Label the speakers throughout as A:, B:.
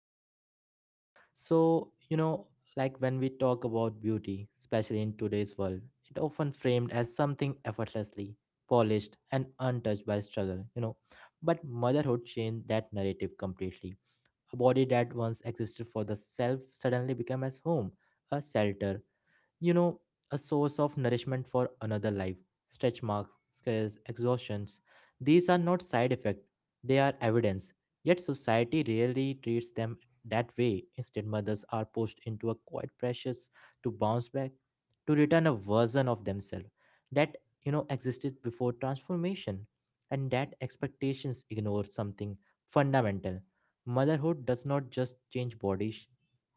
A: host Ankit. So, like when we talk about beauty, especially in today's world, it often framed as something effortlessly polished and untouched by struggle. But motherhood changed that narrative completely. A body that once existed for the self suddenly became as home, a shelter, you know, a source of nourishment for another life. Stretch marks, scares, exhaustions. These are not side effects, they are evidence. Yet society rarely treats them that way. Instead, mothers are pushed into a quiet precious to bounce back, to return a version of themselves that existed before transformation. And that expectations ignore something fundamental. Motherhood does not just change bodies,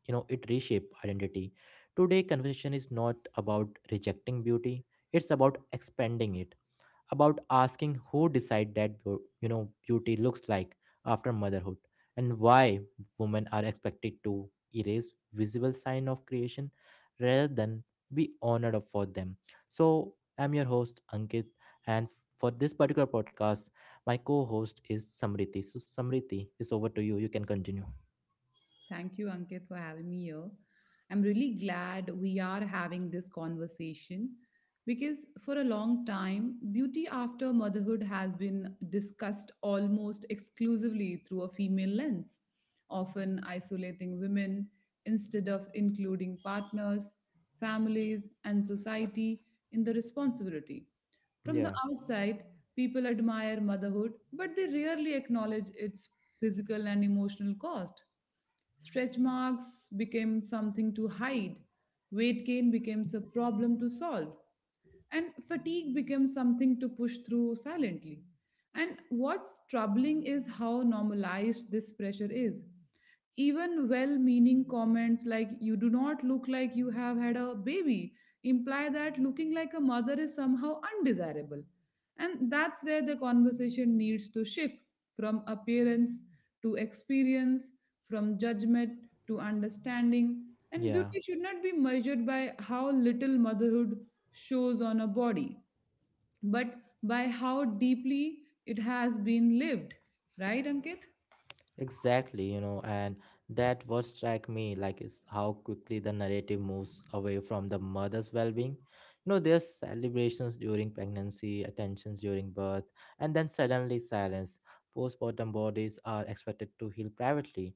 A: it reshapes identity. Today, conversation is not about rejecting beauty, it's about expanding it, about asking who decide that beauty looks like after motherhood, and why women are expected to erase visible sign of creation rather than be honored for them. So, I'm your host Ankit, and for this particular podcast, my co-host is Samriti. So Samriti is over to you. You can continue.
B: Thank you, Ankit, for having me here. I'm really glad we are having this conversation because for a long time, beauty after motherhood has been discussed almost exclusively through a female lens, often isolating women instead of including partners, families, and society in the responsibility. From
A: Yeah.
B: the outside, people admire motherhood, but they rarely acknowledge its physical and emotional cost. Stretch marks became something to hide, weight gain becomes a problem to solve, and fatigue becomes something to push through silently. And what's troubling is how normalized this pressure is. Even well meaning comments like, you do not look like you have had a baby, imply that looking like a mother is somehow undesirable. And that's where the conversation needs to shift from appearance to experience, from judgment to understanding. And
A: Yeah.
B: beauty should not be measured by how little motherhood shows on a body, but by how deeply it has been lived. Right, Ankit?
A: Exactly, and that what struck me like is how quickly the narrative moves away from the mother's well-being. There's celebrations during pregnancy, attentions during birth, and then suddenly silence. Postpartum bodies are expected to heal privately,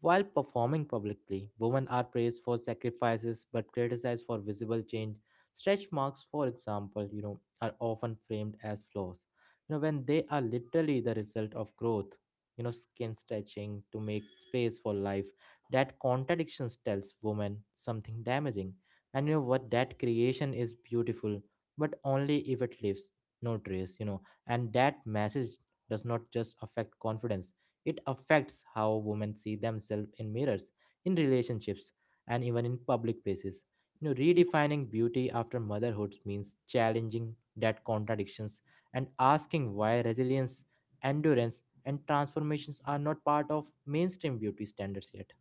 A: while performing publicly, women are praised for sacrifices but criticized for visible change. Stretch marks, for example, are often framed as flaws. When they are literally the result of growth, skin stretching to make space for life. That contradiction tells women something damaging. And you know what? That creation is beautiful, but only if it leaves no trace. And that message does not just affect confidence. It affects how women see themselves in mirrors, in relationships, and even in public places. Redefining beauty after motherhood means challenging that contradictions and asking why resilience, endurance, and transformations are not part of mainstream beauty standards yet.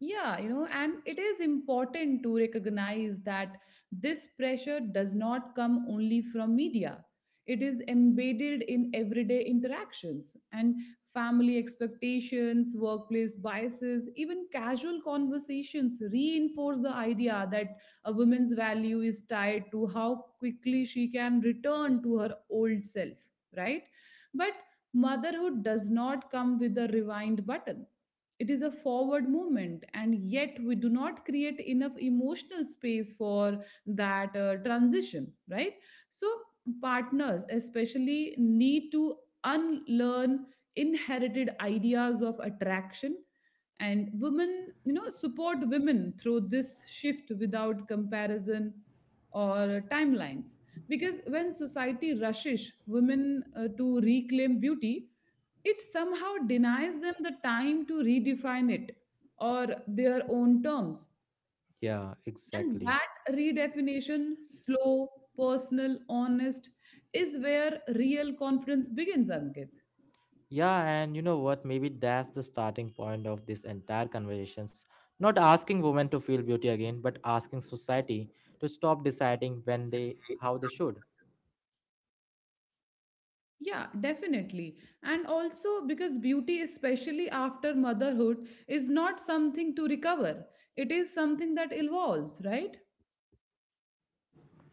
B: Yeah, and it is important to recognize that this pressure does not come only from media. It is embedded in everyday interactions and family expectations, workplace biases, even casual conversations reinforce the idea that a woman's value is tied to how quickly she can return to her old self, right? But motherhood does not come with a rewind button, it is a forward movement, and yet we do not create enough emotional space for that transition, right? So, partners especially need to unlearn inherited ideas of attraction, and women support women through this shift without comparison or timelines, because when society rushes women to reclaim beauty, it somehow denies them the time to redefine it or their own terms.
A: Yeah,
B: And
A: exactly.
B: that redefinition, slow, personal, honest, is where real confidence begins, Ankit.
A: Yeah, and you know what? Maybe that's the starting point of this entire conversations. Not asking women to feel beauty again, but asking society to stop deciding when they how they should.
B: Yeah, definitely. And also because beauty, especially after motherhood, is not something to recover, it is something that evolves, right?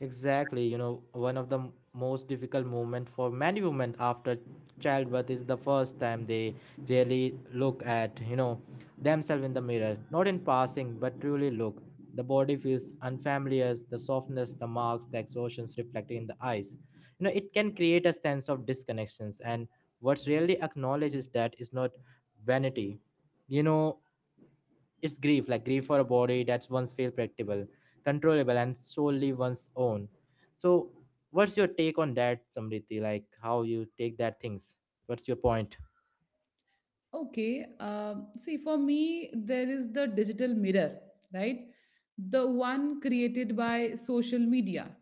A: Exactly, one of the most difficult moment for many women after childbirth is the first time they really look at, themselves in the mirror, not in passing, but truly look. The body feels unfamiliar, the softness, the marks, the exhaustions reflected in the eyes. It can create a sense of disconnections, and what's really acknowledged is that is not vanity. You know, it's grief, like grief for a body that's once feel predictable, controllable, and solely one's own. So, what's your take on that, Samriti? Like how you take that things? What's your point?
B: Okay. See, for me, there is the digital mirror, right? The one created by social media.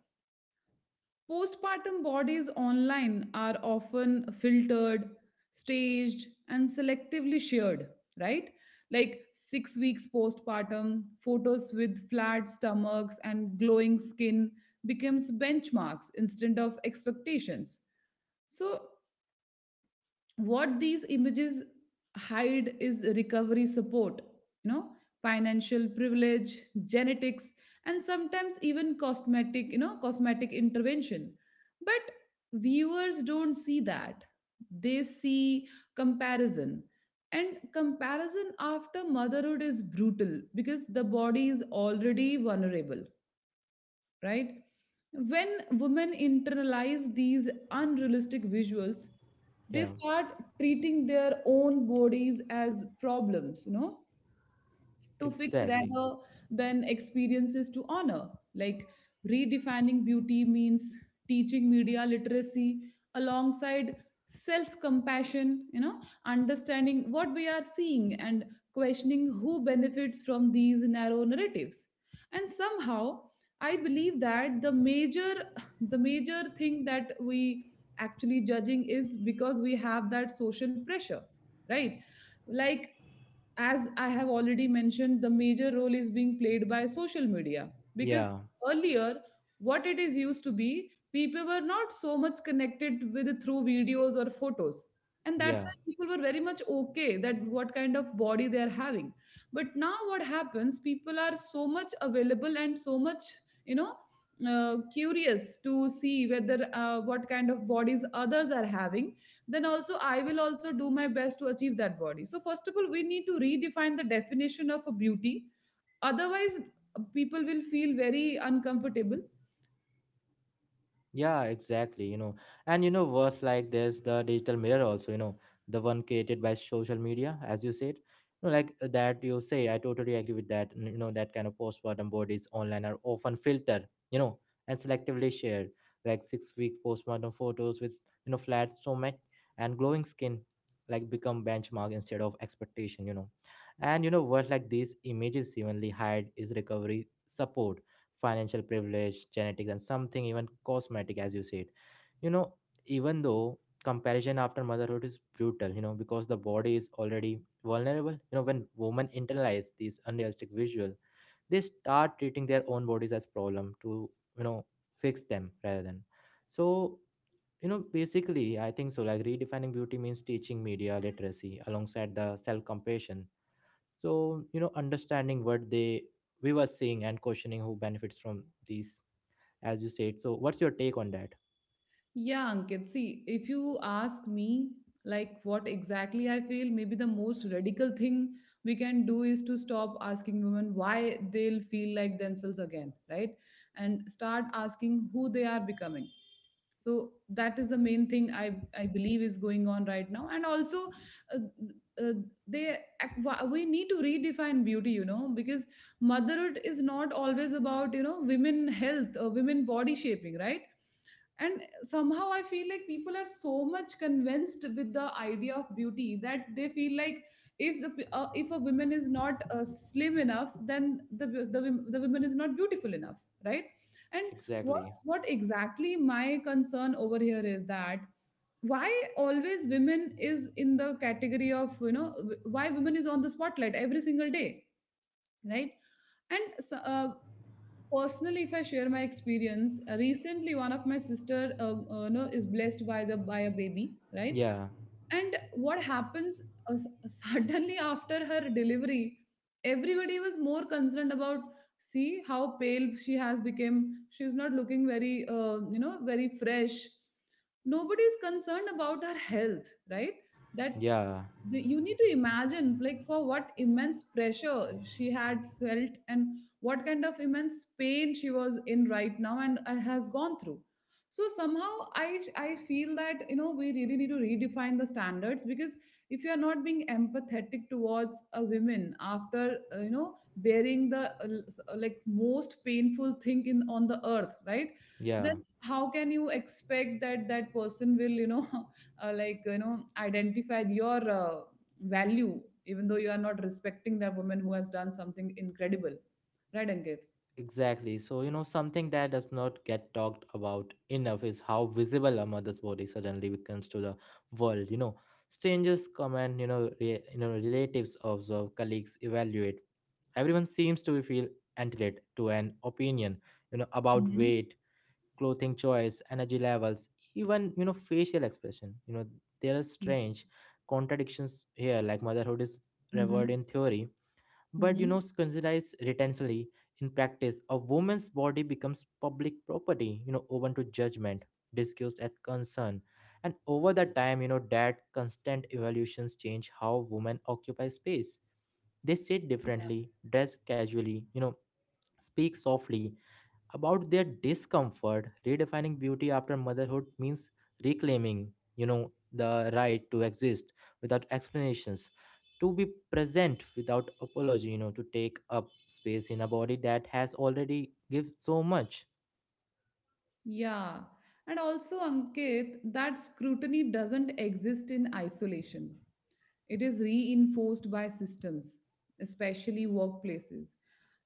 B: Postpartum bodies online are often filtered, staged, and selectively shared, right? Like 6 weeks postpartum, photos with flat stomachs and glowing skin becomes benchmarks instead of expectations. So what these images hide is recovery support, you know financial privilege, genetics, and sometimes even cosmetic you know cosmetic intervention. But viewers don't see that. They see comparison, and comparison after motherhood is brutal because the body is already vulnerable, right? When women internalize these unrealistic visuals,
A: Yeah,
B: they start treating their own bodies as problems, to fix
A: exactly.
B: rather than experiences to honor. Like, redefining beauty means teaching media literacy alongside self compassion, understanding what we are seeing and questioning who benefits from these narrow narratives. And somehow, I believe that the major thing that we actually judging is because we have that social pressure, right? Like, as I have already mentioned, the major role is being played by social media, because
A: Yeah,
B: earlier, what it is used to be, people were not so much connected with through videos or photos. And that's why
A: yeah.
B: people were very much okay that what kind of body they are having. But now, what happens, people are so much available and so much, you know, curious to see whether what kind of bodies others are having, then also I will also do my best to achieve that body. So, first of all, we need to redefine the definition of a beauty. Otherwise, people will feel very uncomfortable.
A: Yeah, exactly. And you know what? Like, there's the digital mirror also. The one created by social media, as you said. Like that you say, I totally agree with that. That kind of postpartum bodies online are often filtered. And selectively shared, like 6-week postpartum photos with flat stomach and glowing skin, like become benchmark instead of expectation. And you know what? Like these images evenly hide is recovery support, financial privilege, genetics, and something even cosmetic, as you said. You know, even though comparison after motherhood is brutal, because the body is already vulnerable. When women internalize these unrealistic visual, they start treating their own bodies as problem to, you know, fix them rather than. So, basically, I think so. Like redefining beauty means teaching media literacy alongside the self compassion, so understanding what they we were seeing and questioning who benefits from these, as you said. So what's your take on that?
B: Yeah, Ankit, see, if you ask me, like what exactly I feel, maybe the most radical thing we can do is to stop asking women why they'll feel like themselves again, right? And start asking who they are becoming. So that is the main thing I believe is going on right now. And also uh, uh, they we need to redefine beauty, because motherhood is not always about women health or women body shaping, right? And somehow I feel like people are so much convinced with the idea of beauty that they feel like, if a woman is not slim enough, then the woman is not beautiful enough, right? And
A: Exactly.
B: what exactly my concern over here is that, why always women is in the category of, why women is on the spotlight every single day, right? and so- uh, Personally, if I share my experience, recently one of my sister, no, is blessed by the by a baby, right?
A: Yeah,
B: And what happens, uh, s- suddenly after her delivery, everybody was more concerned about, see how pale she has become. She's not looking very, very fresh. Nobody is concerned about her health, right? That
A: yeah,
B: you need to imagine, like, for what immense pressure she had felt and what kind of immense pain she was in right now and has gone through. So somehow I feel that, we really need to redefine the standards, because if you are not being empathetic towards a woman after bearing the like most painful thing in on the earth, right, then
A: yeah.
B: how can you expect that that person will like identify your value, even though you are not respecting that woman who has done something incredible, right, Ankit?
A: Exactly. So something that does not get talked about enough is how visible a mother's body suddenly becomes to the world. Strangers comment. Relatives observe, colleagues evaluate, everyone seems to feel entitled to an opinion about
B: Yes.
A: weight, clothing choice, energy levels, even facial expression. There are strange contradictions here, like motherhood is revered in theory, but
B: Mm-hmm.
A: scrutinized retensely in practice. A woman's body becomes public property, open to judgment, discussed at concern. And over the time, that constant evolutions change how women occupy space. They sit differently, dress casually, speak softly about their discomfort. Redefining beauty after motherhood means reclaiming the right to exist without explanations, to be present without apology, to take up space in a body that has already given so much.
B: Yeah. And also, Ankit, that scrutiny doesn't exist in isolation. It is reinforced by systems, especially workplaces.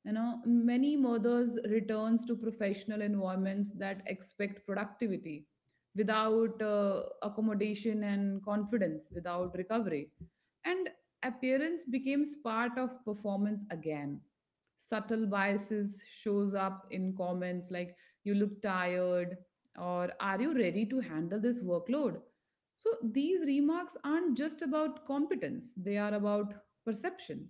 B: You know, many mothers returns to professional environments that expect productivity without accommodation, and confidence, without recovery. And appearance becomes part of performance again. Subtle biases shows up in comments like, you look tired, or, are you ready to handle this workload? So these remarks aren't just about competence, they are about perception.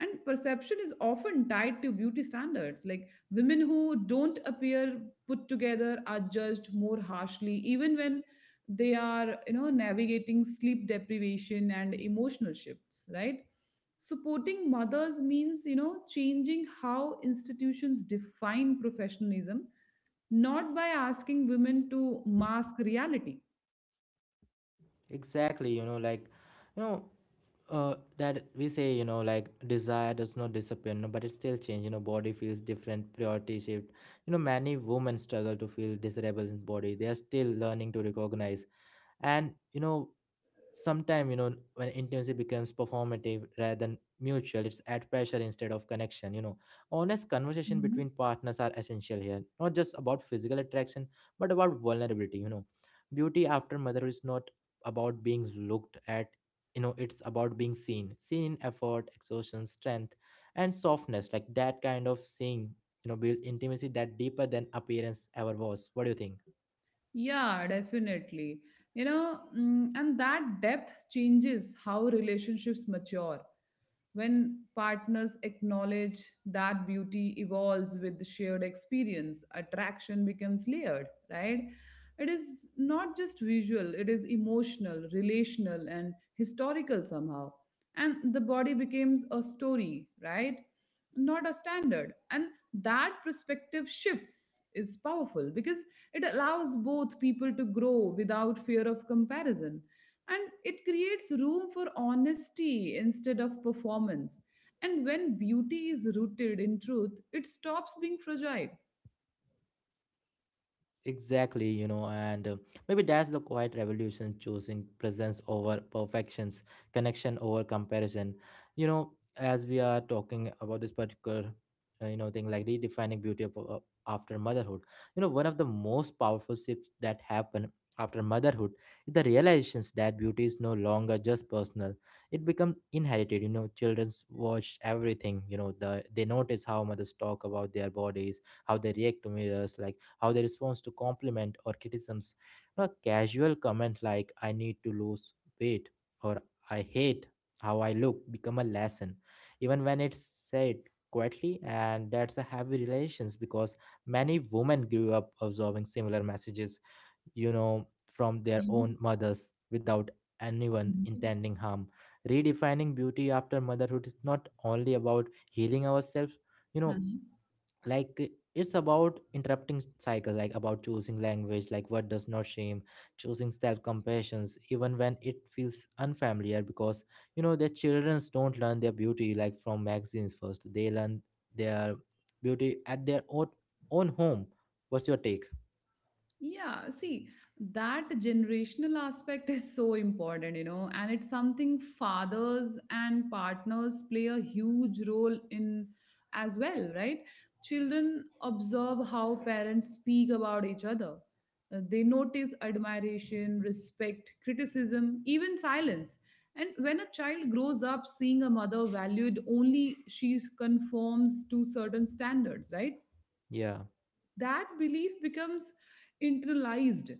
B: And perception is often tied to beauty standards. Like, women who don't appear put together are judged more harshly, even when they are, you know, navigating sleep deprivation and emotional shifts, right? Supporting mothers means, changing how institutions define professionalism, not by asking women to mask reality.
A: Exactly. Like you know that we say, like desire does not disappear, no, but it still change. Body feels different, priority shift. Many women struggle to feel desirable in body they are still learning to recognize. And sometime, when intimacy becomes performative rather than mutual, it's at pressure instead of connection. Honest conversation between partners are essential here, not just about physical attraction, but about vulnerability. Beauty after motherhood is not about being looked at, it's about being seen, seen in effort, exhaustion, strength, and softness. Like that kind of seeing, build intimacy that deeper than appearance ever was. What do you think?
B: Yeah, definitely. And that depth changes how relationships mature. When partners acknowledge that beauty evolves with shared experience, attraction becomes layered, right? It is not just visual, it is emotional, relational, and historical somehow. And the body becomes a story, right, not a standard. And that perspective shifts is powerful because it allows both people to grow without fear of comparison. And it creates room for honesty instead of performance. And when beauty is rooted in truth, it stops being fragile.
A: Exactly, and maybe that's the quiet revolution, choosing presence over perfections, connection over comparison. As we are talking about this particular, thing like redefining beauty after motherhood, one of the most powerful shifts that happen after motherhood is the realizations that beauty is no longer just personal. It becomes inherited, children's watch everything, they notice how mothers talk about their bodies, how they react to mirrors, like how they respond to compliment or criticisms. A casual comment like "I need to lose weight" or "I hate how I look" become a lesson, even when it's said quietly, and that's a heavy relations because many women grew up absorbing similar messages, from their own
B: Mhm.
A: mothers without anyone
B: Mhm.
A: intending harm. Redefining beauty after motherhood is not only about healing ourselves, you know,
B: Mhm.
A: like it's about interrupting cycle, like about choosing language like what does not shame, choosing self-compassions even when it feels unfamiliar, because the childrens don't learn their beauty like from magazines. First they learn their beauty at their own home. What's your take?
B: Yeah, see, that generational aspect is so important, and it's something fathers and partners play a huge role in as well, right? Children observe how parents speak about each other. They notice admiration, respect, criticism, even silence. And when a child grows up seeing a mother valued only she conforms to certain standards, right?
A: Yeah,
B: That belief becomes internalized.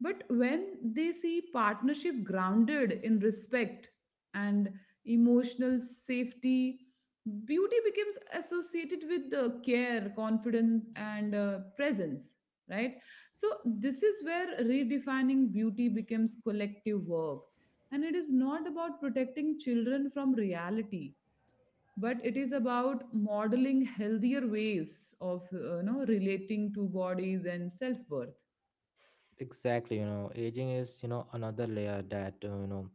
B: But when they see partnership grounded in respect and emotional safety, beauty becomes associated with the care, confidence, and presence, right? So, this is where redefining beauty becomes collective work. And it is not about protecting children from reality, but it is about modeling healthier ways of relating to bodies and self worth.
A: exactly. Aging is another layer that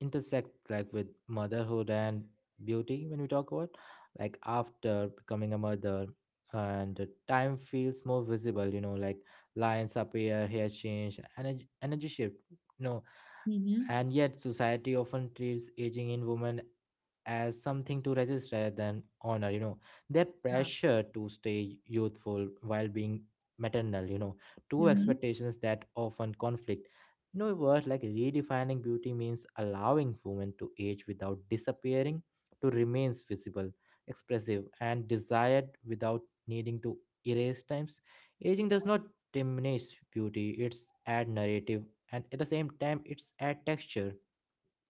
A: intersect like with motherhood and beauty, when we talk about like after becoming a mother, and the time feels more visible, like lines appear, hair change, energy shift you know
B: Hmm.
A: and yet society often treats aging in women as something to resist rather than honor, their
B: Yeah.
A: pressure to stay youthful while being maternal, two
B: Mhm.
A: expectations that often conflict. Words like redefining beauty means allowing women to age without disappearing, to remains visible, expressive, and desired without needing to erase times. Aging does not diminish beauty, it's add narrative, and at the same time it's add texture.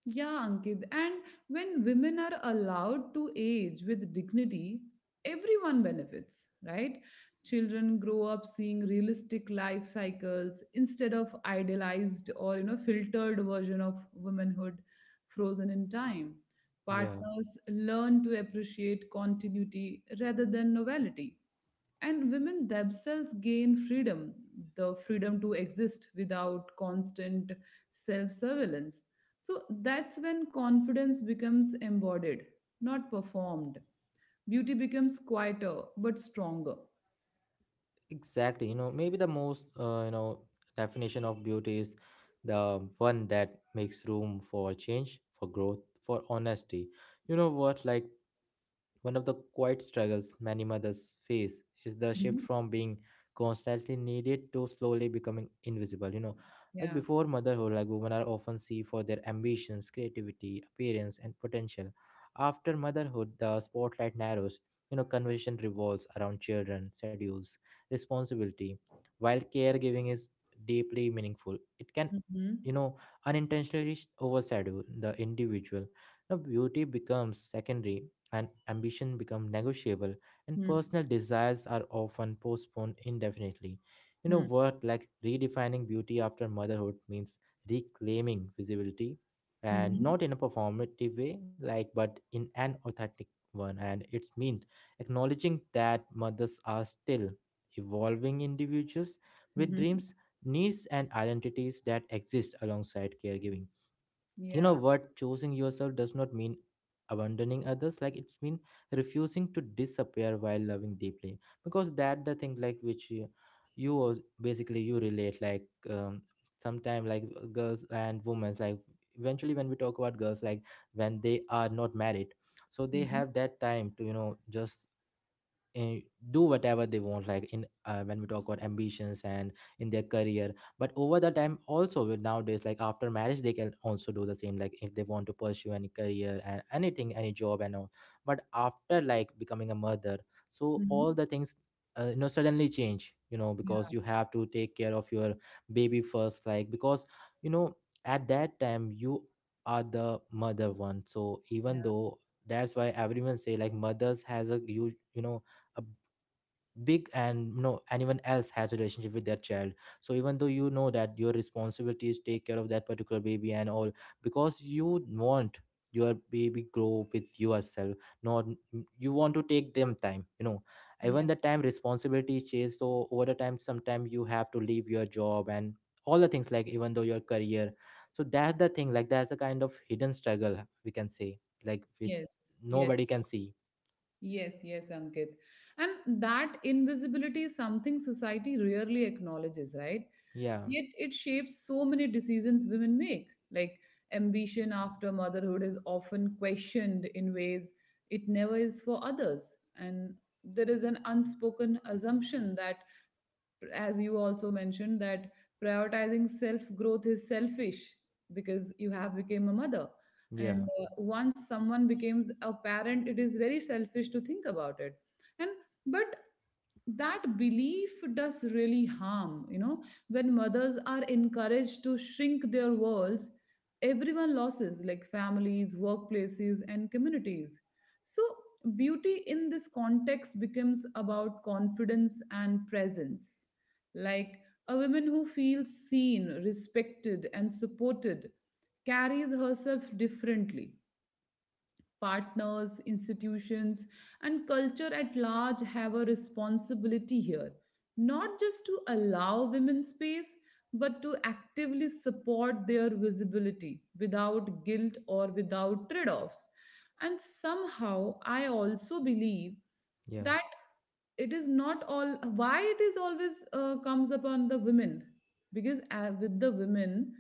B: Yeah, Ankit. And when women are allowed to age with dignity, everyone benefits, right? Children grow up seeing realistic life cycles instead of idealized or filtered version of womanhood, frozen in time.
A: Yeah.
B: Partners learn to appreciate continuity rather than novelty, and women themselves gain freedom, the freedom to exist without constant self surveillance. So that's when confidence becomes embodied, not performed. Beauty becomes quieter but stronger.
A: Exactly. Maybe the most, definition of beauty is the one that makes room for change, for growth, for honesty. You know what? Like, one of the quiet struggles many mothers face is the shift
B: Mhm.
A: from being constantly needed to slowly becoming invisible. Like,
B: Yeah.
A: before motherhood, like women are often seen for their ambitions, creativity, appearance, and potential. After motherhood, the spotlight narrows. Conversation revolves around children, schedules, responsibility. While caregiving is deeply meaningful, it can,
B: Mhm.
A: you know, unintentionally overshadow the individual. Now, beauty becomes secondary and ambition become negotiable and
B: Mm.
A: personal desires are often postponed indefinitely. You know
B: Mm.
A: word like Redefining beauty after motherhood means reclaiming visibility, and
B: Mhm.
A: not in a performative way but in an authentic one. And it's mean acknowledging that mothers are still evolving individuals with
B: Mhm.
A: dreams, needs and identities that exist alongside caregiving. You know
B: Yeah.
A: what Choosing yourself does not mean abandoning others, it's mean refusing to disappear while loving deeply. Because that the thing, like which you, basically you relate like sometime, like girls and women, like eventually when we talk about girls, like when they are not married, so they
B: Mhm.
A: have that time to just uh, do whatever they want, like in when we talk about ambitions and in their career. But over the time, also with nowadays, like after marriage they can also do the same, like if they want to pursue any career and anything, any job and all. But after like becoming a mother, so all
B: Mhm.
A: the things you know, suddenly change, you know, because
B: Yeah.
A: you have to take care of your baby first. Like, because you know, at that time, you are the mother one. So
B: Yeah.
A: even though, that's why everyone say like mothers has a huge, you know, a big and you know, anyone else has a relationship with their child. So even though you know that your responsibility is take care of that particular baby and all, because you want your baby grow with yourself, not you want to take them time, you know. Even
B: Yeah.
A: the time responsibility changes, so over the time sometime you have to leave your job and all the things, like even though your career. So that's the thing, like that's a kind of hidden struggle we can say, like with
B: Yes. Yes.
A: nobody can see.
B: Yes. Yes, Ankit. And that invisibility is something society rarely acknowledges, right?
A: Yeah,
B: Yet it shapes so many decisions women make. Like, ambition after motherhood is often questioned in ways it never is for others. And there is an unspoken assumption that, as you also mentioned, that prioritizing self growth is selfish because you have become a mother. And
A: yeah,
B: once someone becomes a parent, it is very selfish to think about it. And, but that belief does really harm, when mothers are encouraged to shrink their worlds, everyone loses, like families, workplaces, and communities. So beauty in this context becomes about confidence and presence. Like, a woman who feels seen, respected, and supported carries herself differently. Partners, institutions, and culture at large have a responsibility here, not just to allow women space, but to actively support their visibility without guilt or without trade offs. And somehow, I also believe
A: yeah,
B: that it is not all why it is always comes upon the women because with the women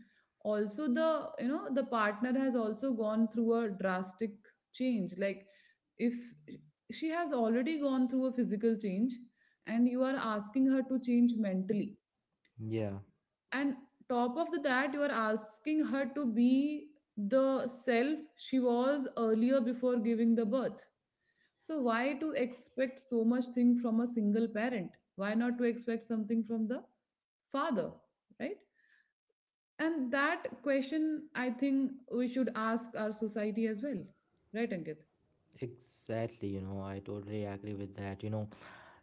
B: also the you know the partner has also gone through a drastic change, like if she has already gone through a physical change and you are asking her to change mentally,
A: yeah.
B: and top of the that you are asking her to be the self she was earlier before giving the birth. So why to expect so much thing from a single parent? Why not to expect something from the father, right? And that question I think we should ask our society as well, right, Ankit?
A: Exactly, you know, I totally agree with that. You know,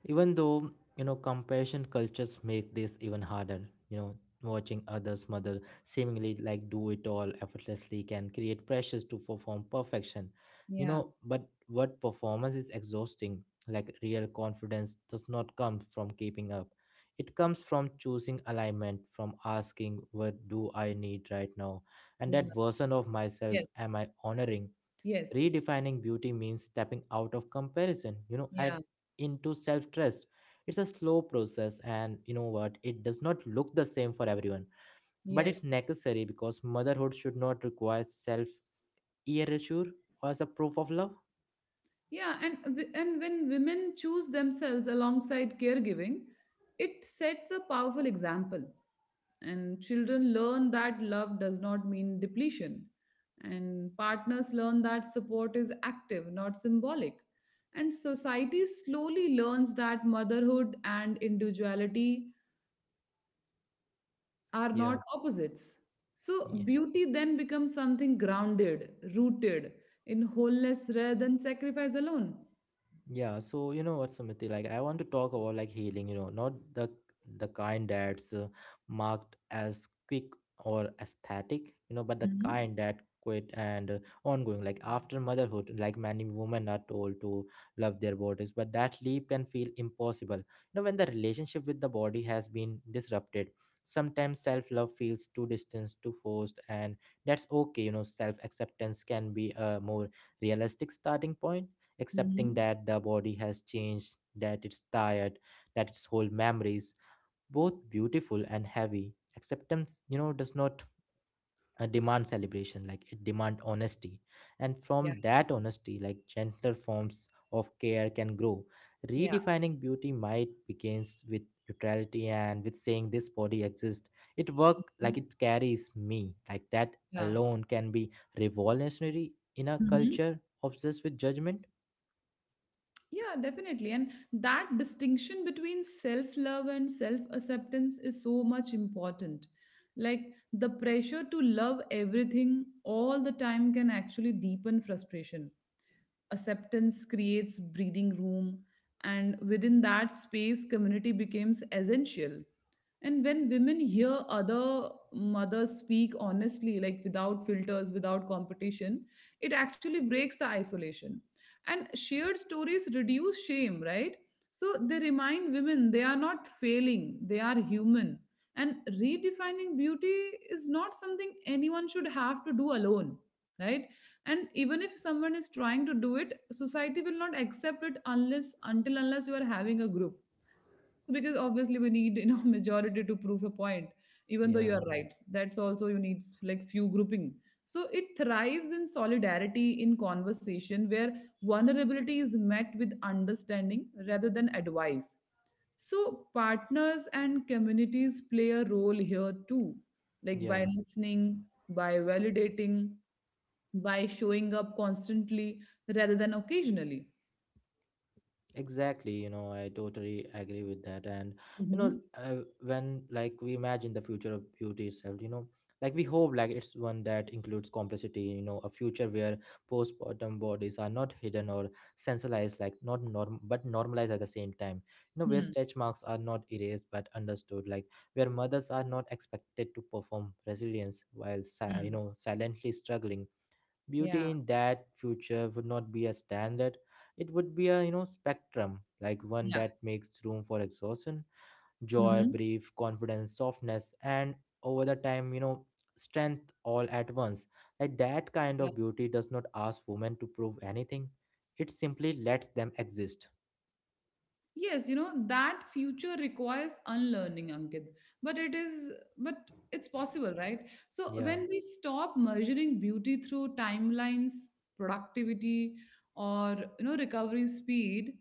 A: even though, you know, compassion cultures make this even harder, you know, watching others mother seemingly like do it all effortlessly can create pressures to perform perfection, you
B: Yeah,
A: know, but what performance is exhausting. Like, real confidence does not come from keeping up. It comes from choosing alignment, from asking, what do I need right now? And
B: yeah,
A: that version of myself
B: yes,
A: am I honoring?
B: yes,
A: Redefining beauty means stepping out of comparison, you know, and
B: yeah,
A: into self trust. It's a slow process, and you know what? It does not look the same for everyone, but it's
B: yes,
A: necessary because motherhood should not require self erasure as a proof of love.
B: yeah. And when women choose themselves alongside caregiving, it sets a powerful example, and children learn that love does not mean depletion, and partners learn that support is active, not symbolic, and society slowly learns that motherhood and individuality are not
A: Yeah,
B: opposites. So
A: yeah.
B: beauty then becomes something grounded, rooted in wholeness rather than sacrifice alone.
A: Yeah, so you know what, Samiti, like I want to talk about like healing, you know, not the kind that's marked as quick or aesthetic, you know, but the
B: Mhm.
A: kind that quit and ongoing. Like after motherhood, like many women are told to love their bodies, but that leap can feel impossible. You know, when the relationship with the body has been disrupted, sometimes self-love feels too distant, too forced, and that's okay. You know, self-acceptance can be a more realistic starting point, accepting
B: Mhm.
A: that the body has changed, that it's tired, that it's whole memories, both beautiful and heavy. Acceptance, you know, does not demand celebration, like it demand honesty. And
B: Yeah,
A: from that honesty, like gentler forms of care can grow.
B: yeah,
A: Redefining beauty might begins with neutrality and with saying this body exists. It work, like it carries me. Like that
B: yeah.
A: alone can be revolutionary in a culture obsessed with judgment.
B: Yeah, definitely. And that distinction between self love and self acceptance is so much important. Like, the pressure to love everything all the time can actually deepen frustration. Acceptance creates breathing room, and within that space, community becomes essential. And when women hear other mothers speak honestly, like without filters, without competition, it actually breaks the isolation, and shared stories reduce shame, right? So they remind women they are not failing, they are human. And redefining beauty is not something anyone should have to do alone, right? And even if someone is trying to do it, society will not accept it unless, until, unless you are having a group. So because obviously we need, you know, majority to prove a point, even though you
A: Yeah.
B: are Mm. right. That's also you need like few grouping. So it thrives in solidarity, in conversation where vulnerability is met with understanding rather than advice. So partners and communities play a role here too, like
A: Yeah,
B: by listening, by validating, by showing up constantly rather than occasionally.
A: exactly. You know, I totally agree with that. And, you know,
B: Mm-hmm.
A: when like we imagine the future of beauty itself, you know, like we hope like it's one that includes complexity, you know, a future where postpartum bodies are not hidden or sensationalized, like not norm, but normalized at the same time, you know, where
B: Hmm.
A: stretch marks are not erased but understood, like where mothers are not expected to perform resilience while, you
B: Hmm.
A: know, silently struggling. Beauty
B: Yeah.
A: in that future would not be a standard, it would be a, you know, spectrum, like one
B: Yeah.
A: that makes room for exhaustion, joy,
B: Mm-hmm.
A: brief confidence, softness and, over the time, you know, strength all at once. Like that kind
B: Yeah.
A: of beauty does not ask women to prove anything, it simply lets them exist.
B: Yes, you know, that future requires unlearning, Ankit. But it is, but it's possible, right? So
A: Yeah,
B: when we stop measuring beauty through timelines, productivity, or, you know, recovery speed,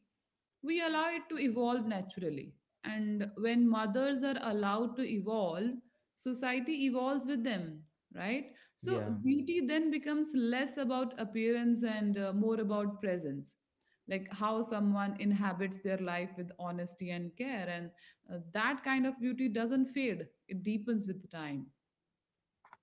B: we allow it to evolve naturally. And when mothers are allowed to evolve, society evolves with them, right? So
A: yeah.
B: beauty then becomes less about appearance and more about presence. Like how someone inhabits their life with honesty and care. And that kind of beauty doesn't fade, it deepens with time.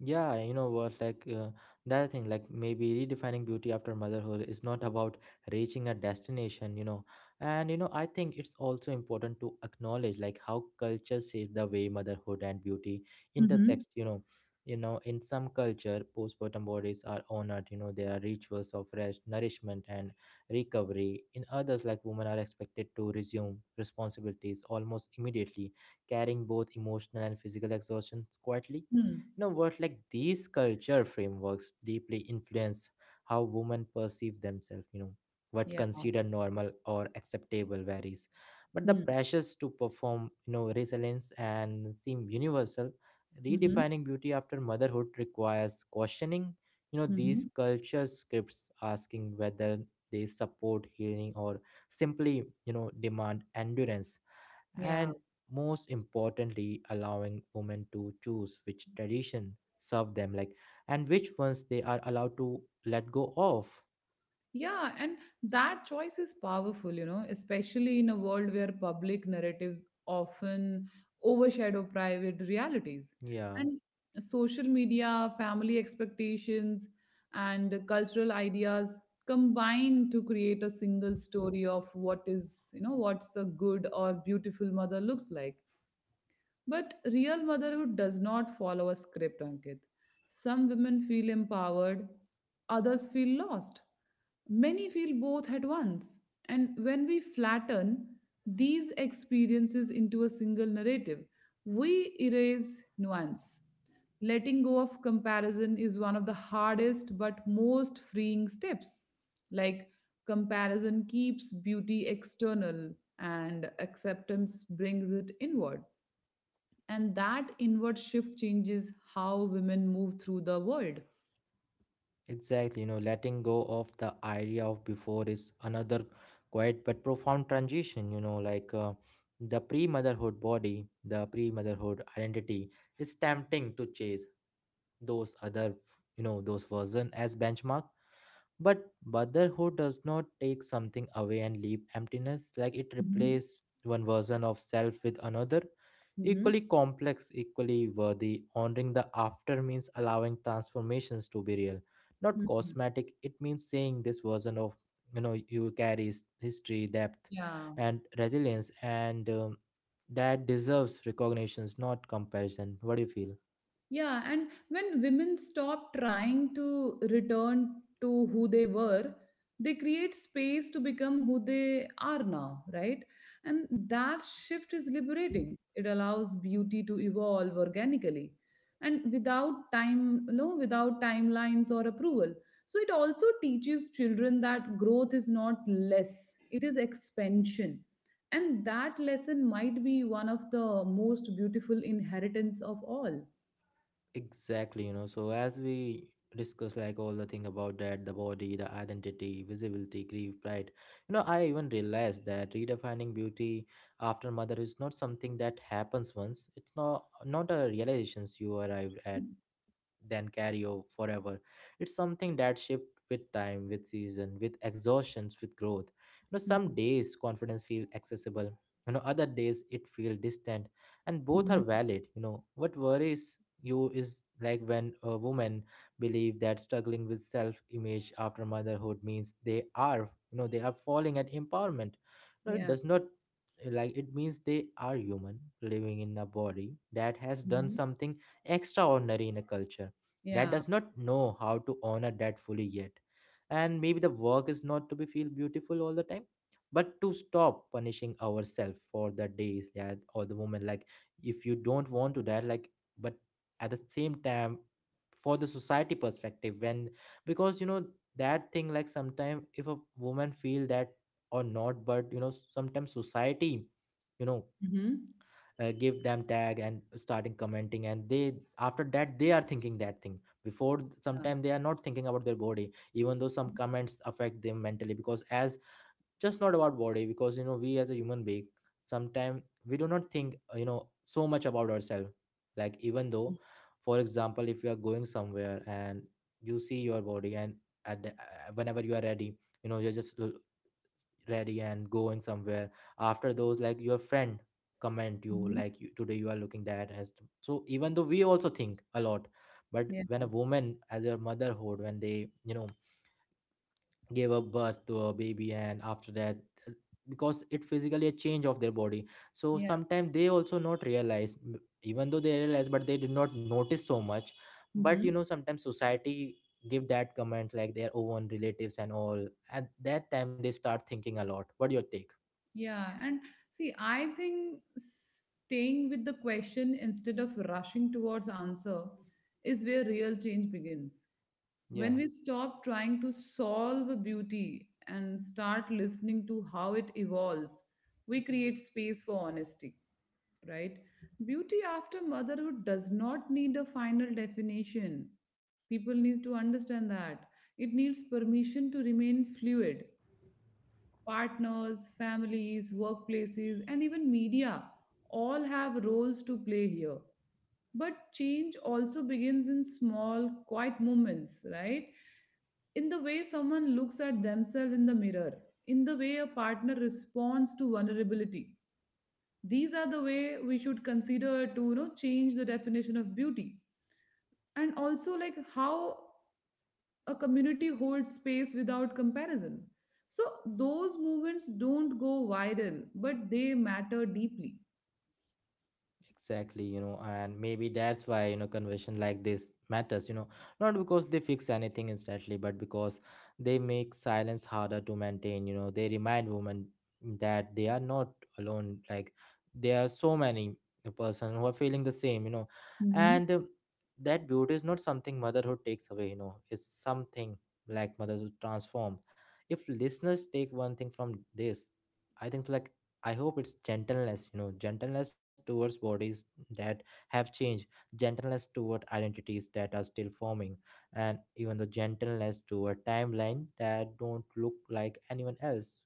A: Yeah, you know what? Like the other thing, like maybe redefining beauty after motherhood is not about reaching a destination, you know. And you know, I think it's also important to acknowledge like how culture shape the way motherhood and beauty
B: Mm-hmm.
A: intersect. You know, in some culture, postpartum bodies are honored. You know, there are rituals of rest, nourishment, and recovery. In others, like women are expected to resume responsibilities almost immediately, carrying both emotional and physical exhaustions quietly.
B: Hmm.
A: You know what, like these culture frameworks deeply influence how women perceive themselves, you know, what
B: Yeah.
A: considered normal or acceptable varies, but the
B: Hmm.
A: pressures to perform, you know, resilience and seem universal.
B: Mm-hmm.
A: Redefining beauty after motherhood requires questioning, you know, these
B: Mm-hmm.
A: culture scripts, asking whether they support healing or simply, you know, demand endurance.
B: Yeah.
A: And most importantly, allowing women to choose which tradition serve them, like, and which ones they are allowed to let go of.
B: Yeah, and that choice is powerful, you know, especially in a world where public narratives often overshadow private realities.
A: Yeah,
B: And social media, family expectations, and cultural ideas combine to create a single story of what is, you know, what's a good or beautiful mother looks like. But real motherhood does not follow a script, Ankit. Some women feel empowered, others feel lost. Many feel both at once. And when we flatten these experiences into a single narrative, we erase nuance. Letting go of comparison is one of the hardest but most freeing steps. Like, comparison keeps beauty external and acceptance brings it inward. And that inward shift changes how women move through the world.
A: exactly. You know, letting go of the idea of before is another quiet but profound transition, you know, like the pre-motherhood body, the pre-motherhood identity is tempting to chase, those other, you know, those version as benchmark. But motherhood does not take something away and leave emptiness, like it
B: Hmm.
A: replaces one version of self with another,
B: Hmm.
A: equally complex, equally worthy. Honoring the after means allowing transformations to be real, not
B: Hmm.
A: cosmetic. It means saying this version of, you know, you carries history, depth
B: Yeah.
A: and resilience and that deserves recognitions, not comparison. What do you feel?
B: Yeah, and when women stop trying to return to who they were, they create space to become who they are now, right? And that shift is liberating. It allows beauty to evolve organically and without time, no, without timelines or approval. So it also teaches children that growth is not less, it is expansion. And that lesson might be one of the most beautiful inheritance of all.
A: Exactly, you know. So as we discuss like all the thing about that, the body, the identity, visibility, grief, pride. You know, I even realized that redefining beauty after mother is not something that happens once. It's not a realizations you arrive at then carry over forever. It's something that shifts with time, with season, with exhaustions, with growth. You know, some
B: Mhm.
A: days confidence feel accessible. You know, other days it feel distant, and both are
B: Mhm.
A: valid. You know, what worries you is like when a woman believe that struggling with self-image after motherhood means they are, you know, they are falling at empowerment. No, it
B: Yeah.
A: does not, like it means they are human living in a body that has done
B: Mhm.
A: something extraordinary in a culture that
B: Yeah.
A: does not know how to honor that fully yet. And maybe the work is not to be feel beautiful all the time, but to stop punishing ourselves for the days, yeah, or the moment. Like, if you don't want to that, like, but at the same time, for the society perspective, when, because you know that thing like sometimes if a woman feel that or not, but you know sometimes society, you know
B: Mm-hmm.
A: give them tag and starting commenting and they, after that they are thinking that thing before,
B: Yeah.
A: sometimes they are not thinking about their body, even though some comments affect them mentally, because as just not about body, because you know we as a human being, sometimes we do not think you know, so much about ourselves. Like, even though, for example, if you are going somewhere and you see your body and at the, whenever you are ready, you know, ready and going somewhere, after those, like, your friend comment you,
B: Mhm.
A: like, you, today you are looking that as so even though we also think a lot. But
B: Yeah.
A: when a woman as her motherhood, when they, you know, gave a birth to a baby, and after that uh, because it physically a change of their body, so
B: Yeah.
A: sometimes they also not realize even though they realize, but they did not notice so much. But you
B: Mm-hmm.
A: know, sometimes society give that comment like their own relatives and all, at that time they start thinking a lot. What your take?
B: Yeah. And see, I think staying with the question instead of rushing towards answer is where real change begins. When
A: Yeah,
B: we stop trying to solve a beauty and start listening to how it evolves, we create space for honesty, right? Beauty after motherhood does not need a final definition. People need to understand that. It needs permission to remain fluid. Partners, families, workplaces, and even media all have roles to play here. But change also begins in small, quiet moments, right? In the way someone looks at themselves in the mirror, in the way a partner responds to vulnerability, these are the way we should consider to, you know, change the definition of beauty, and also like how a community holds space without comparison. So those movements don't go viral, but they matter deeply.
A: exactly. You know, and maybe that's why, you know, conversation like this matters, you know, not because they fix anything instantly, but because they make silence harder to maintain. You know, they remind women that they are not alone. Like, there are so many person who are feeling the same, you know,
B: Mhm.
A: and that beauty is not something motherhood takes away, you know, it's something like motherhood transform. If listeners take one thing from this, I think like I hope it's gentleness, you know, gentleness towards bodies that have changed, gentleness toward identities that are still forming, and even the gentleness toward timeline that don't look like anyone else.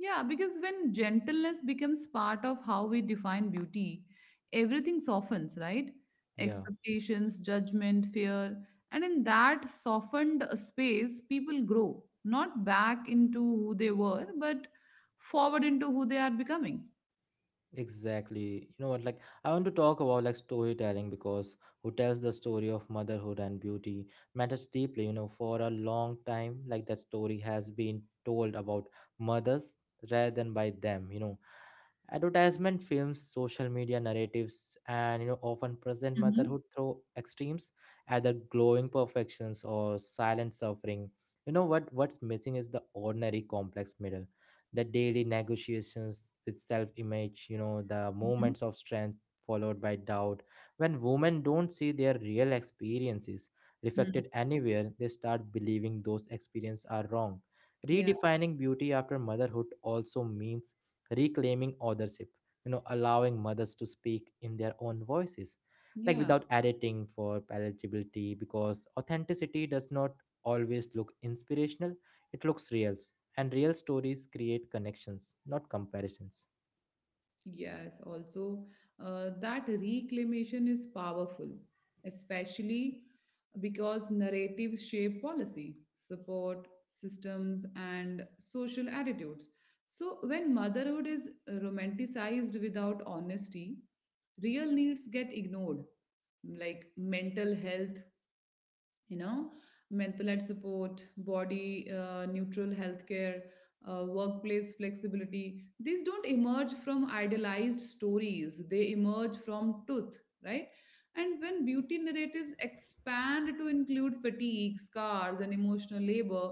B: Yeah, because when gentleness becomes part of how we define beauty, everything softens, right?
A: Yeah,
B: Expectations, judgment, fear. And in that softened space, people grow, not back into who they were, but forward into who they are becoming.
A: exactly. You know what? Like, I want to talk about like storytelling, because who tells the story of motherhood and beauty matters deeply. You know, for a long time, like that story has been told about mothers rather than by them. You know, advertisement films, social media narratives, and you know, often present
B: Hmm.
A: motherhood through extremes, either glowing perfections or silent suffering. You know what? What's missing is the ordinary complex middle, the daily negotiations with self-image. You know, the moments of strength followed by doubt. When women don't see their real experiences
B: Hmm.
A: reflected anywhere, they start believing those experiences are wrong.
B: Yeah.
A: Redefining beauty after motherhood also means reclaiming authorship, allowing mothers to speak in their own voices, like
B: Yeah.
A: without editing for palatability, because authenticity does not always look inspirational, it looks real, and real stories create connections, not comparisons.
B: Yes, also that reclamation is powerful, especially because narratives shape policy, support, systems, and social attitudes. So, when motherhood is romanticized without honesty, real needs get ignored, like mental health, you know, mental health support, body neutral healthcare, workplace flexibility. These don't emerge from idealized stories, they emerge from truth, right? And when beauty narratives expand to include fatigue, scars, and emotional labor,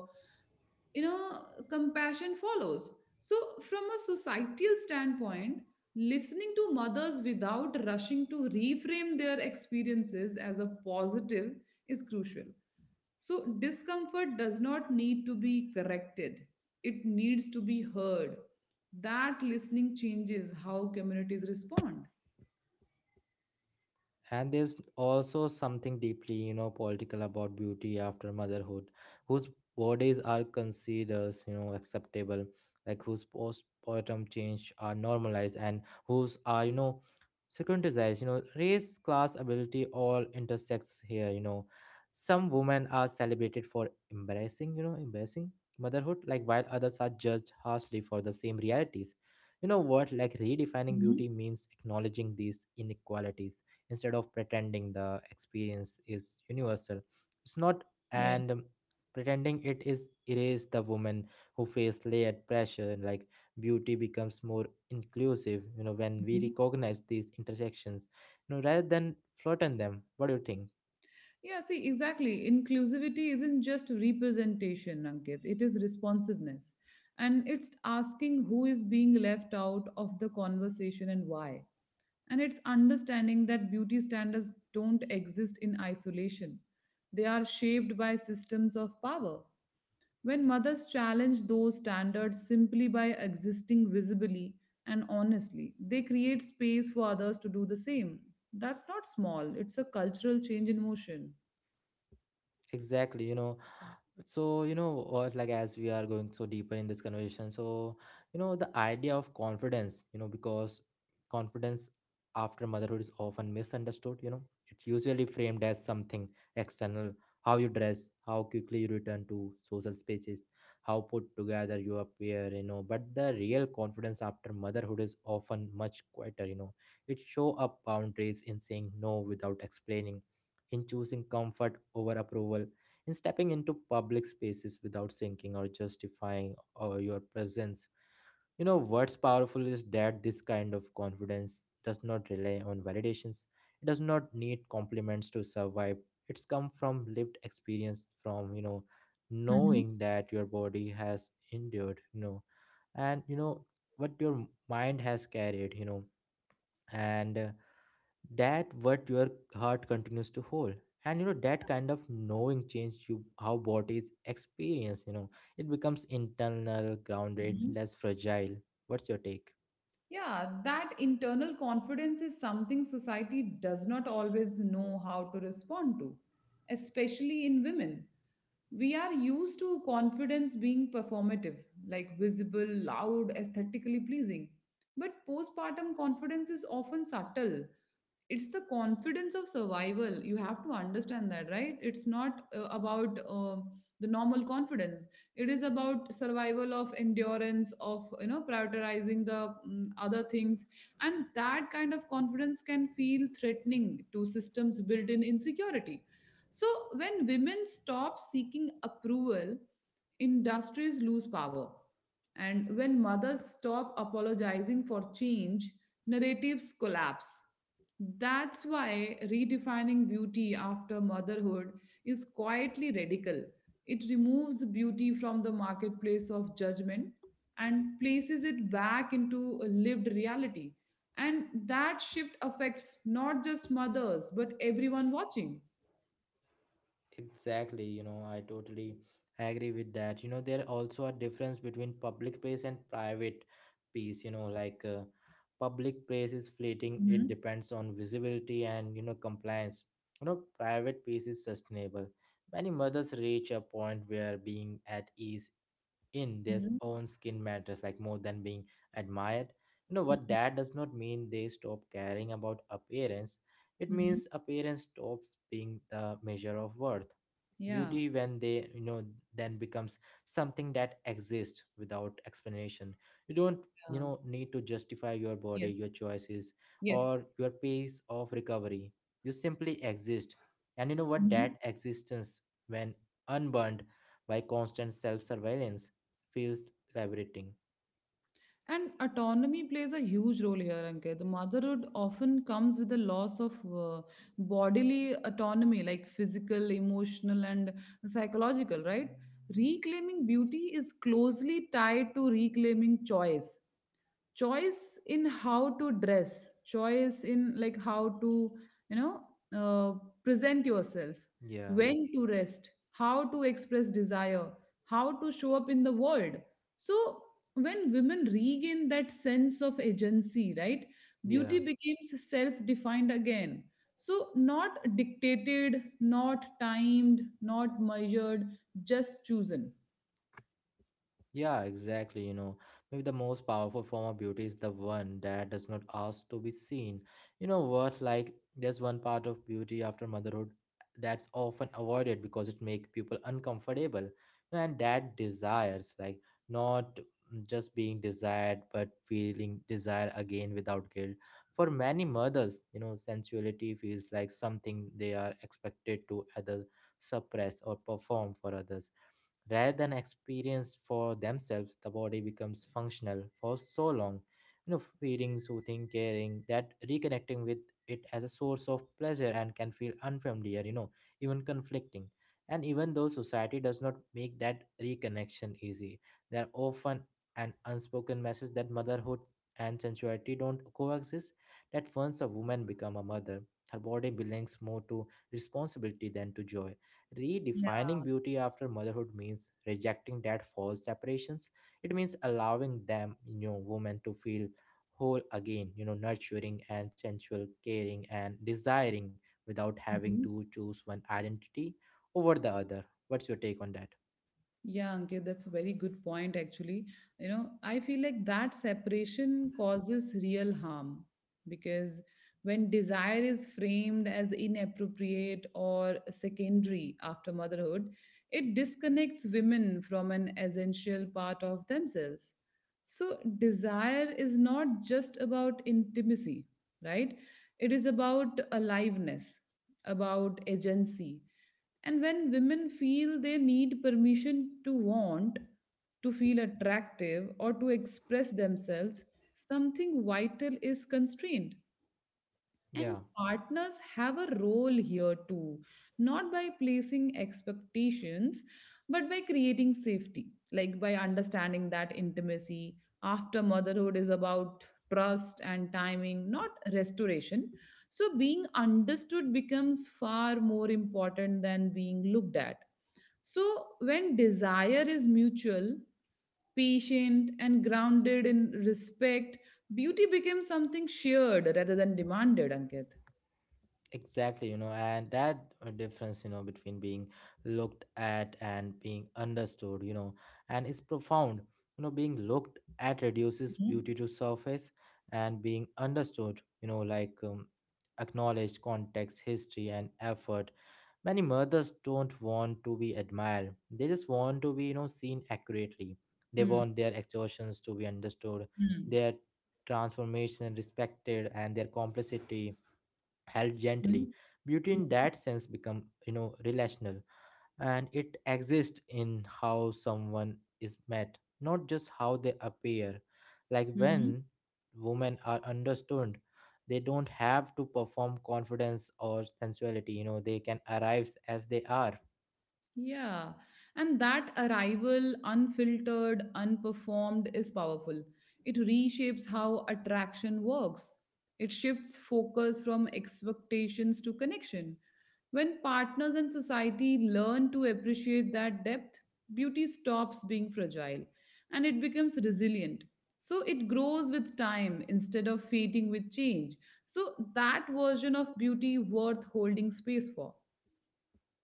B: you know, compassion follows. So from a societal standpoint, listening to mothers without rushing to reframe their experiences as a positive is crucial. So, discomfort does not need to be corrected, it needs to be heard. That listening changes how communities respond.
A: And there's also something deeply, political about beauty after motherhood. Whose bodies are considered, acceptable? Like whose postpartum change are normalized and whose are, secondized? Race, class, ability all intersects here, some women are celebrated for embarrassing, embarrassing motherhood, like while others are judged harshly for the same realities. What, like, redefining
B: Mhm.
A: beauty means acknowledging these inequalities instead of pretending the experience is universal. It's not,
B: Yeah.
A: and pretending it is erase the woman who faced layered pressure. And Like beauty becomes more inclusive, when we
B: Mhm.
A: recognize these intersections, rather than flatten them. What do you think?
B: Yeah, see, exactly. Inclusivity isn't just representation, Ankit, it is responsiveness. And it's asking who is being left out of the conversation and why. And it's understanding that beauty standards don't exist in isolation, they are shaped by systems of power. When mothers challenge those standards simply by existing visibly and honestly, they create space for others to do the same. That's not small, it's a cultural change in motion.
A: Exactly, So, what, like as we are going so deeper in this conversation, so, the idea of confidence, because confidence after motherhood is often misunderstood, It's usually framed as something external: how you dress, how quickly you return to social spaces, how put together you appear, But the real confidence after motherhood is often much quieter, It show up boundaries in saying no without explaining, in choosing comfort over approval, in stepping into public spaces without thinking or justifying or your presence. What's powerful is that this kind of confidence does not rely on validations. It does not need compliments to survive. It's come from lived experience, from,
B: Mhm.
A: knowing that your body has endured, and, what your mind has carried, and that what your heart continues to hold, and that kind of knowing change you how bodies experience. It becomes internal, grounded, less fragile. What's your take?
B: Yeah, that internal confidence is something society does not always know how to respond to, especially in women. We are used to confidence being performative, like visible, loud, aesthetically pleasing. But postpartum confidence is often subtle, it's the confidence of survival, you have to understand that, right? It's not about the normal confidence, it is about survival, of endurance, of, you know, prioritizing the other things. And that kind of confidence can feel threatening to systems built in insecurity. So when women stop seeking approval, industries lose power. And when mothers stop apologizing for change, narratives collapse. That's why redefining beauty after motherhood is quietly radical. It removes beauty from the marketplace of judgment and places it back into a lived reality. And that shift affects not just mothers, but everyone watching.
A: Exactly, I totally agree with that. There also a difference between public place and private peace. Like public place is fleeting, it depends on visibility and, compliance. Private peace is sustainable. Many mothers reach a point where being at ease in their
B: Mhm.
A: own skin matters, like more than being admired. What
B: Mm,
A: that does not mean they stop caring about appearance, it
B: mhm.
A: means appearance stops being the measure of worth.
B: Yeah,
A: Beauty when they, then becomes something that exists without explanation. You don't,
B: yeah.
A: need to justify your body,
B: Yes,
A: your choices,
B: yes.
A: or your pace of recovery. You simply exist, and what,
B: Mhm.
A: that existence, when unburned by constant self surveillance, feels liberating.
B: And autonomy plays a huge role here, Ankit. The motherhood often comes with a loss of uh, bodily autonomy, like physical, emotional, and psychological, right? Reclaiming beauty is closely tied to reclaiming choice. Choice in how to dress, choice in like how to, you know, uh, present yourself,
A: Yeah,
B: when to rest, how to express desire, how to show up in the world. So when women regain that sense of agency, right,
A: yeah.
B: beauty becomes self defined again. So not dictated, not timed, not measured, just chosen.
A: Yeah, exactly. Maybe the most powerful form of beauty is the one that does not ask to be seen. What? Like, there's one part of beauty after motherhood that's often avoided because it makes people uncomfortable. And that desires, like, not just being desired, but feeling desire again without guilt. For many mothers, sensuality feels like something they are expected to either suppress or perform for others rather than experience for themselves. The body becomes functional for so long, feeding, soothing, caring, that reconnecting with it as a source of pleasure and can feel unfamiliar, even conflicting. And even though society does not make that reconnection easy, there are often an unspoken message that motherhood and sensuality don't coexist, that once a woman become a mother, her body belongs more to responsibility than to joy. Redefining beauty after motherhood means rejecting that false separations. It means allowing them, women to feel whole again, nurturing and sensual, caring and desiring, without having
B: Yeah.
A: to choose one identity over the other. What's your take on that?
B: Yeah, Ankit, that's a very good point, actually. You know, I feel like that separation causes real harm because when desire is framed as inappropriate or secondary after motherhood, it disconnects women from an essential part of themselves. So, desire is not just about intimacy, right? It is about aliveness, about agency. And when women feel they need permission to want, to feel attractive, or to express themselves, something vital is constrained. And
A: Yeah.
B: partners have a role here too, not by placing expectations, but by creating safety, like by understanding that intimacy after motherhood is about trust and timing, not restoration. So, being understood becomes far more important than being looked at. So, when desire is mutual, patient, and grounded in respect, beauty became something shared rather than demanded, Ankit.
A: Exactly, and that difference, between being looked at and being understood, and is profound. Being looked at reduces
B: Mhm.
A: beauty to surface, and being understood, like acknowledged context, history, and effort. Many mothers don't want to be admired; they just want to be, seen accurately. They
B: Mhm.
A: want their exertions to be understood, their transformation respected, and their complicity held gently.
B: Mhm.
A: Beauty in
B: Mhm.
A: that sense become, relational, and it exists in how someone is met, not just how they appear. Like
B: Mhm.
A: when women are understood, they don't have to perform confidence or sensuality. They can arrive as they are.
B: Yeah, and that arrival, unfiltered, unperformed, is powerful. It reshapes how attraction works. It shifts focus from expectations to connection. When partners and society learn to appreciate that depth, beauty stops being fragile and it becomes resilient. So it grows with time instead of fading with change. So that version of beauty worth holding space for.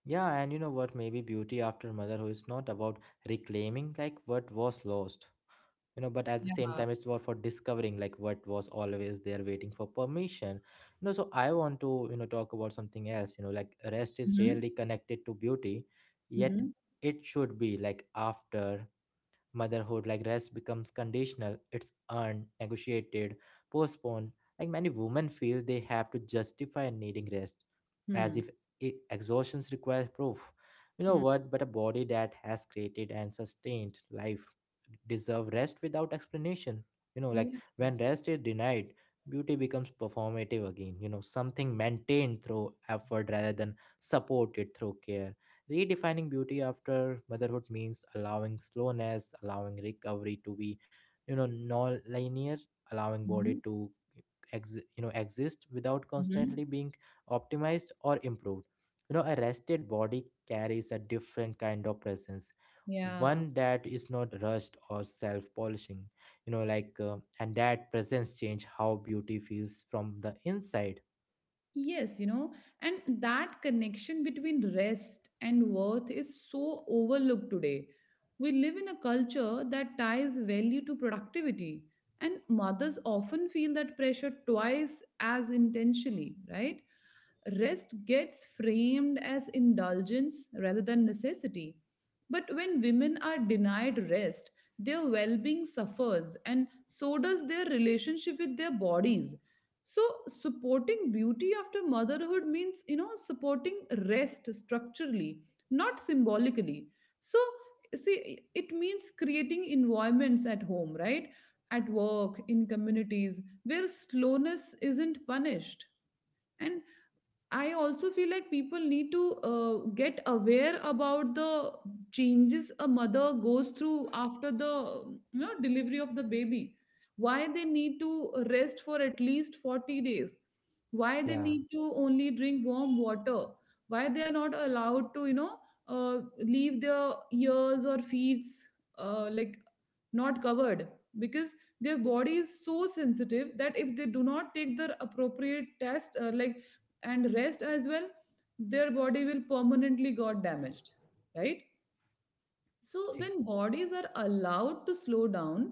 A: Yeah, and what? Maybe beauty after motherhood is not about reclaiming like what was lost, but at the same
B: Yeah.
A: time it's about for discovering like what was always there waiting for permission. So I want to, talk about something else, like rest is
B: Hmm.
A: rarely connected to beauty, yet
B: Hmm.
A: it should be. Like after motherhood, like rest, becomes conditional. It's earned, negotiated, postponed. Like many women feel they have to justify needing rest, as
B: Hmm.
A: if exhaustion requires proof.
B: Mm.
A: What? But a body that has created and sustained life deserve rest without explanation. Like
B: Yes.
A: when rest is denied, beauty becomes performative again. Something maintained through effort rather than supported through care. Redefining beauty after motherhood means allowing slowness, allowing recovery to be, non-linear, allowing body
B: Mhm.
A: to exist without
B: Mhm.
A: constantly being optimized or improved. A rested body carries a different kind of presence,
B: Yeah.
A: one that is not rushed or self-polishing. Like and that presence change how beauty feels from the inside.
B: Yes, you know, and that connection between rest and worth is so overlooked today. We live in a culture that ties value to productivity, and mothers often feel that pressure twice as intensely, right? Rest gets framed as indulgence rather than necessity. But when women are denied rest, their well being suffers, and so does their relationship with their bodies. So, supporting beauty after motherhood means, you know, supporting rest structurally, not symbolically. So, see, it means creating environments at home, right? At work, in communities, where slowness isn't punished. And I also feel like people need to get aware about the changes a mother goes through after the, you know, delivery of the baby. Why they need to rest for at least 40 days. Why they
A: Yeah,
B: need to only drink warm water. Why they are not allowed to, you know, leave their ears or feet like not covered, because their body is so sensitive that if they do not take their appropriate test, like, and rest as well, their body will permanently got damaged, right? So
A: e-
B: when bodies are allowed to slow down,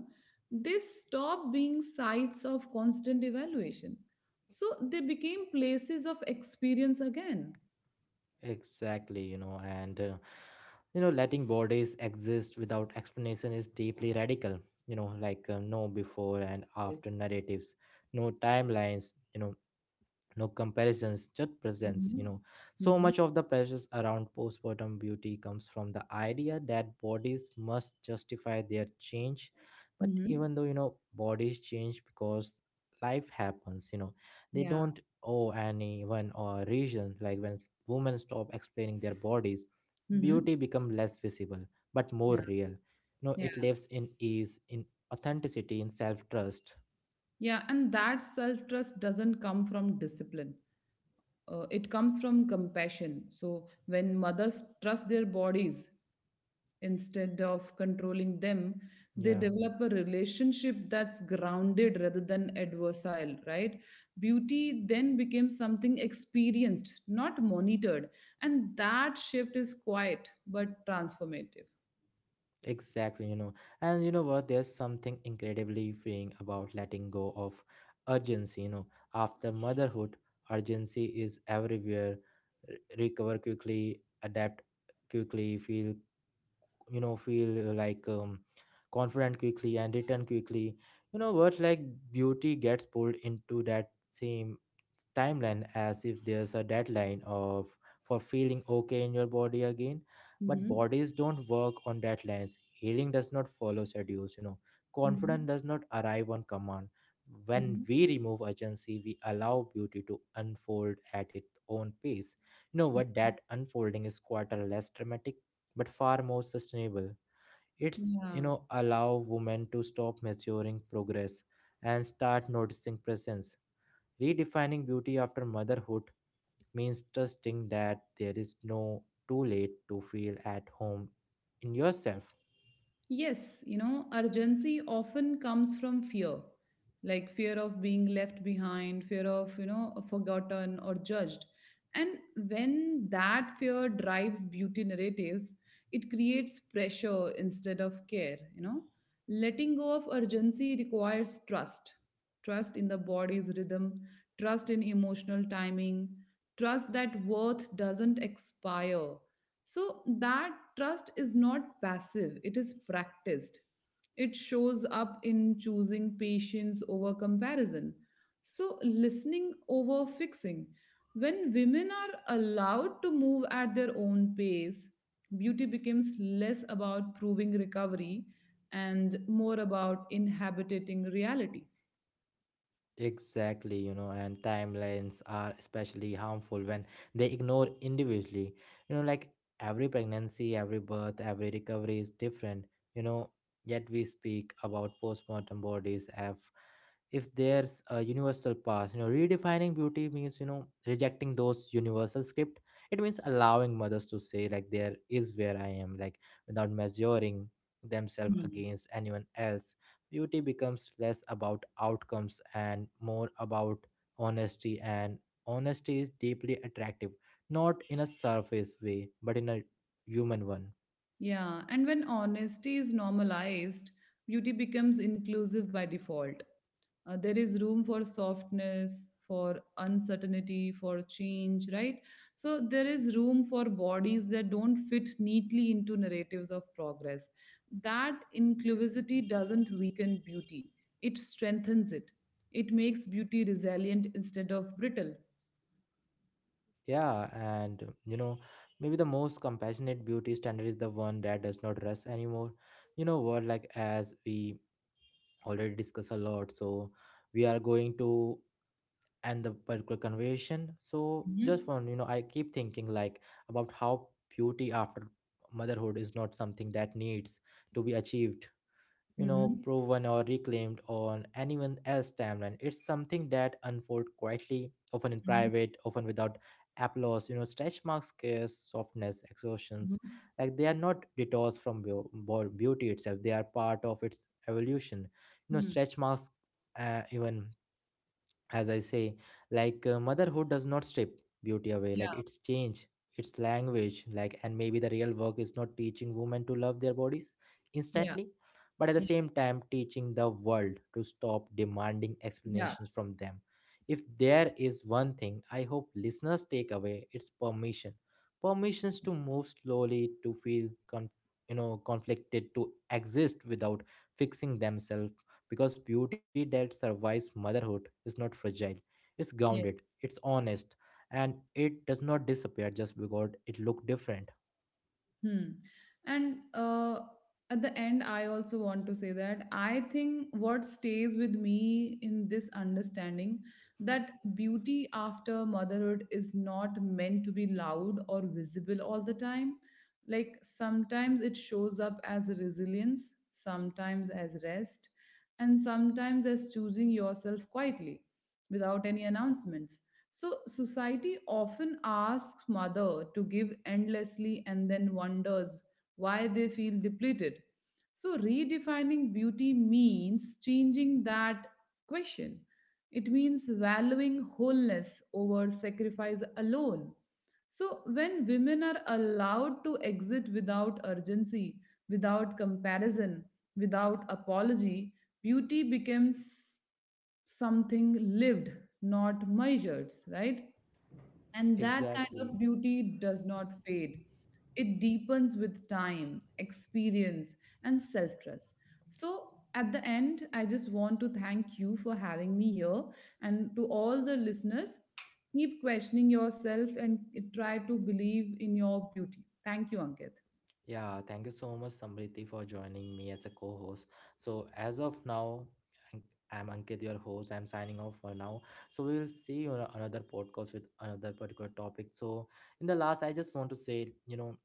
B: they stop being sites of constant evaluation. So they became places of experience again.
A: Exactly, and, letting bodies exist without explanation is deeply radical. Like no before and
B: Yes, yes.
A: after narratives, no timelines. No comparisons, just presence.
B: Mm-hmm.
A: So
B: Mm-hmm.
A: much of the pressures around postpartum beauty comes from the idea that bodies must justify their change. But
B: Mm-hmm.
A: even though, bodies change because life happens, they
B: Yeah.
A: don't owe anyone or reason. Like when women stop explaining their bodies,
B: Mm-hmm.
A: beauty become less visible but more
B: Yeah.
A: real. It
B: Yeah.
A: lives in ease, in authenticity, in self-trust.
B: Yeah, and that self trust doesn't come from discipline. It comes from compassion. So when mothers trust their bodies instead of controlling them, they
A: Yeah.
B: develop a relationship that's grounded rather than adversarial, right? Beauty then becomes something experienced, not monitored. And that shift is quiet but transformative.
A: Exactly, And what? There's something incredibly freeing about letting go of urgency, After motherhood, urgency is everywhere. Recover quickly, adapt quickly, feel, you know feel uh, like um, confident quickly and return quickly. Words like beauty gets pulled into that same timeline, as if there's a deadline of for feeling okay in your body again. But
B: Hmm.
A: bodies don't work on deadlines, healing does not follow schedules.
B: Hmm.
A: Confidence does not arrive on command. When
B: Hmm.
A: we remove urgency, we allow beauty to unfold at its own pace. What, that unfolding is quite a less dramatic but far more sustainable. It's,
B: Yeah.
A: allow women to stop measuring progress and start noticing presence. Redefining beauty after motherhood means trusting that there is no too late to feel at home in yourself.
B: Yes, you know, urgency often comes from fear, like fear of being left behind, fear of, you know, forgotten or judged. And when that fear drives beauty narratives, it creates pressure instead of care, you know. Letting go of urgency requires trust, trust in the body's rhythm, trust in emotional timing, trust that worth doesn't expire. So that trust is not passive, it is practiced. It shows up in choosing patience over comparison. So, listening over fixing. When women are allowed to move at their own pace, beauty becomes less about proving recovery and more about inhabiting reality.
A: Exactly, and timelines are especially harmful when they ignore individually. Like every pregnancy, every birth, every recovery is different, you know, yet we speak about postmortem bodies as if there's a universal past. Redefining beauty means, rejecting those universal script. It means allowing mothers to say, like, there is where I am, like, without measuring themselves against anyone else. Beauty becomes less about outcomes and more about honesty, and honesty is deeply attractive, not in a surface way but in a human one.
B: Yeah, and when honesty is normalized, beauty becomes inclusive by default. There is room for softness, for uncertainty, for change, right? So there is room for bodies that don't fit neatly into narratives of progress. That inclusivity doesn't weaken beauty, it strengthens it. It makes beauty resilient instead of brittle.
A: Yeah, and maybe the most compassionate beauty standard is the one that does not rest anymore. What, like as we already discussed a lot, so we are going to and the particular conversion, so
B: Mm-hmm.
A: just one, I keep thinking like about how beauty after motherhood is not something that needs to be achieved,
B: Mm-hmm.
A: proven or reclaimed on anyone else timeline. It's something that unfolds quietly, often in
B: Mm-hmm.
A: private, often without applause. Stretch marks, scares, softness, exhaustions,
B: Mm-hmm.
A: like they are not detours from beauty itself, they are part of its evolution.
B: Hmm.
A: Stretch marks, even as I say, like motherhood does not strip beauty away, like
B: Yeah.
A: it's change, it's language, like, and maybe the real work is not teaching women to love their bodies
B: Yeah.
A: instantly, but at the same time, teaching the world to stop demanding
B: Yeah.
A: explanations from them. If there is one thing I hope listeners take away, it's permission. Permissions to
B: Yes.
A: move slowly, to feel, conflicted, to exist without fixing themselves, because beauty that survives motherhood is not fragile, it's grounded,
B: Yes.
A: it's honest, and it does not disappear just because it looked different.
B: Hmm. And at the end, I also want to say that I think what stays with me in this understanding that beauty after motherhood is not meant to be loud or visible all the time. Like sometimes it shows up as resilience, sometimes as rest, and sometimes as choosing yourself quietly without any announcements. So, society often asks mother to give endlessly and then wonders why they feel depleted. So, redefining beauty means changing that question. It means valuing wholeness over sacrifice alone. So, when women are allowed to exit without urgency, without comparison, without apology, beauty becomes something lived, not measured, right? And that kind of
A: Exactly.
B: beauty does not fade. It deepens with time, experience, and self trust. So, at the end, I just want to thank you for having me here. And to all the listeners, keep questioning yourself and try to believe in your beauty. Thank you, Ankit.
A: Yeah, thank you so much, Samriti, for joining me as a co host. So, as of now, An- I'm Ankit, your host. I'm signing off for now. So, we will see you on another podcast with another particular topic. So, in the last, I just want to say,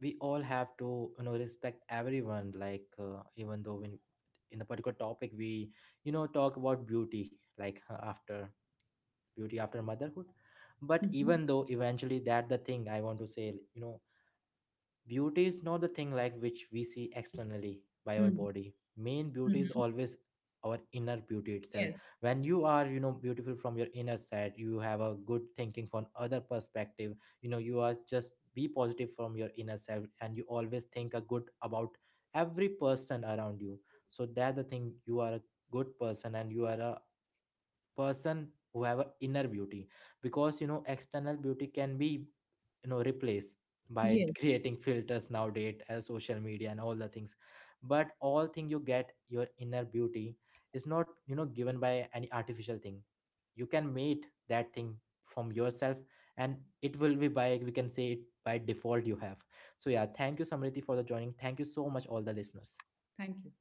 A: we all have to, respect everyone. Like even though when in the particular topic we, talk about beauty, like after beauty after motherhood. But
B: Mhm.
A: even though eventually that the thing I want to say, beauty is not the thing like which we see externally by our
B: Mhm.
A: body. Main beauty is
B: Mhm.
A: always our inner beauty itself.
B: Yes.
A: When you are, beautiful from your inner side, you have a good thinking from other perspective. You are just be positive from your inner self, and you always think a good about every person around you. So that the thing, you are a good person, and you are a person who have an inner beauty, because external beauty can be, replaced by
B: Yes.
A: creating filters nowadays as social media and all the things. But all thing, you get your inner beauty is not, given by any artificial thing. You can make that thing from yourself, and it will be by, we can say, it by default you have. So yeah, thank you Samriti for the joining. Thank you so much all the listeners.
B: Thank you.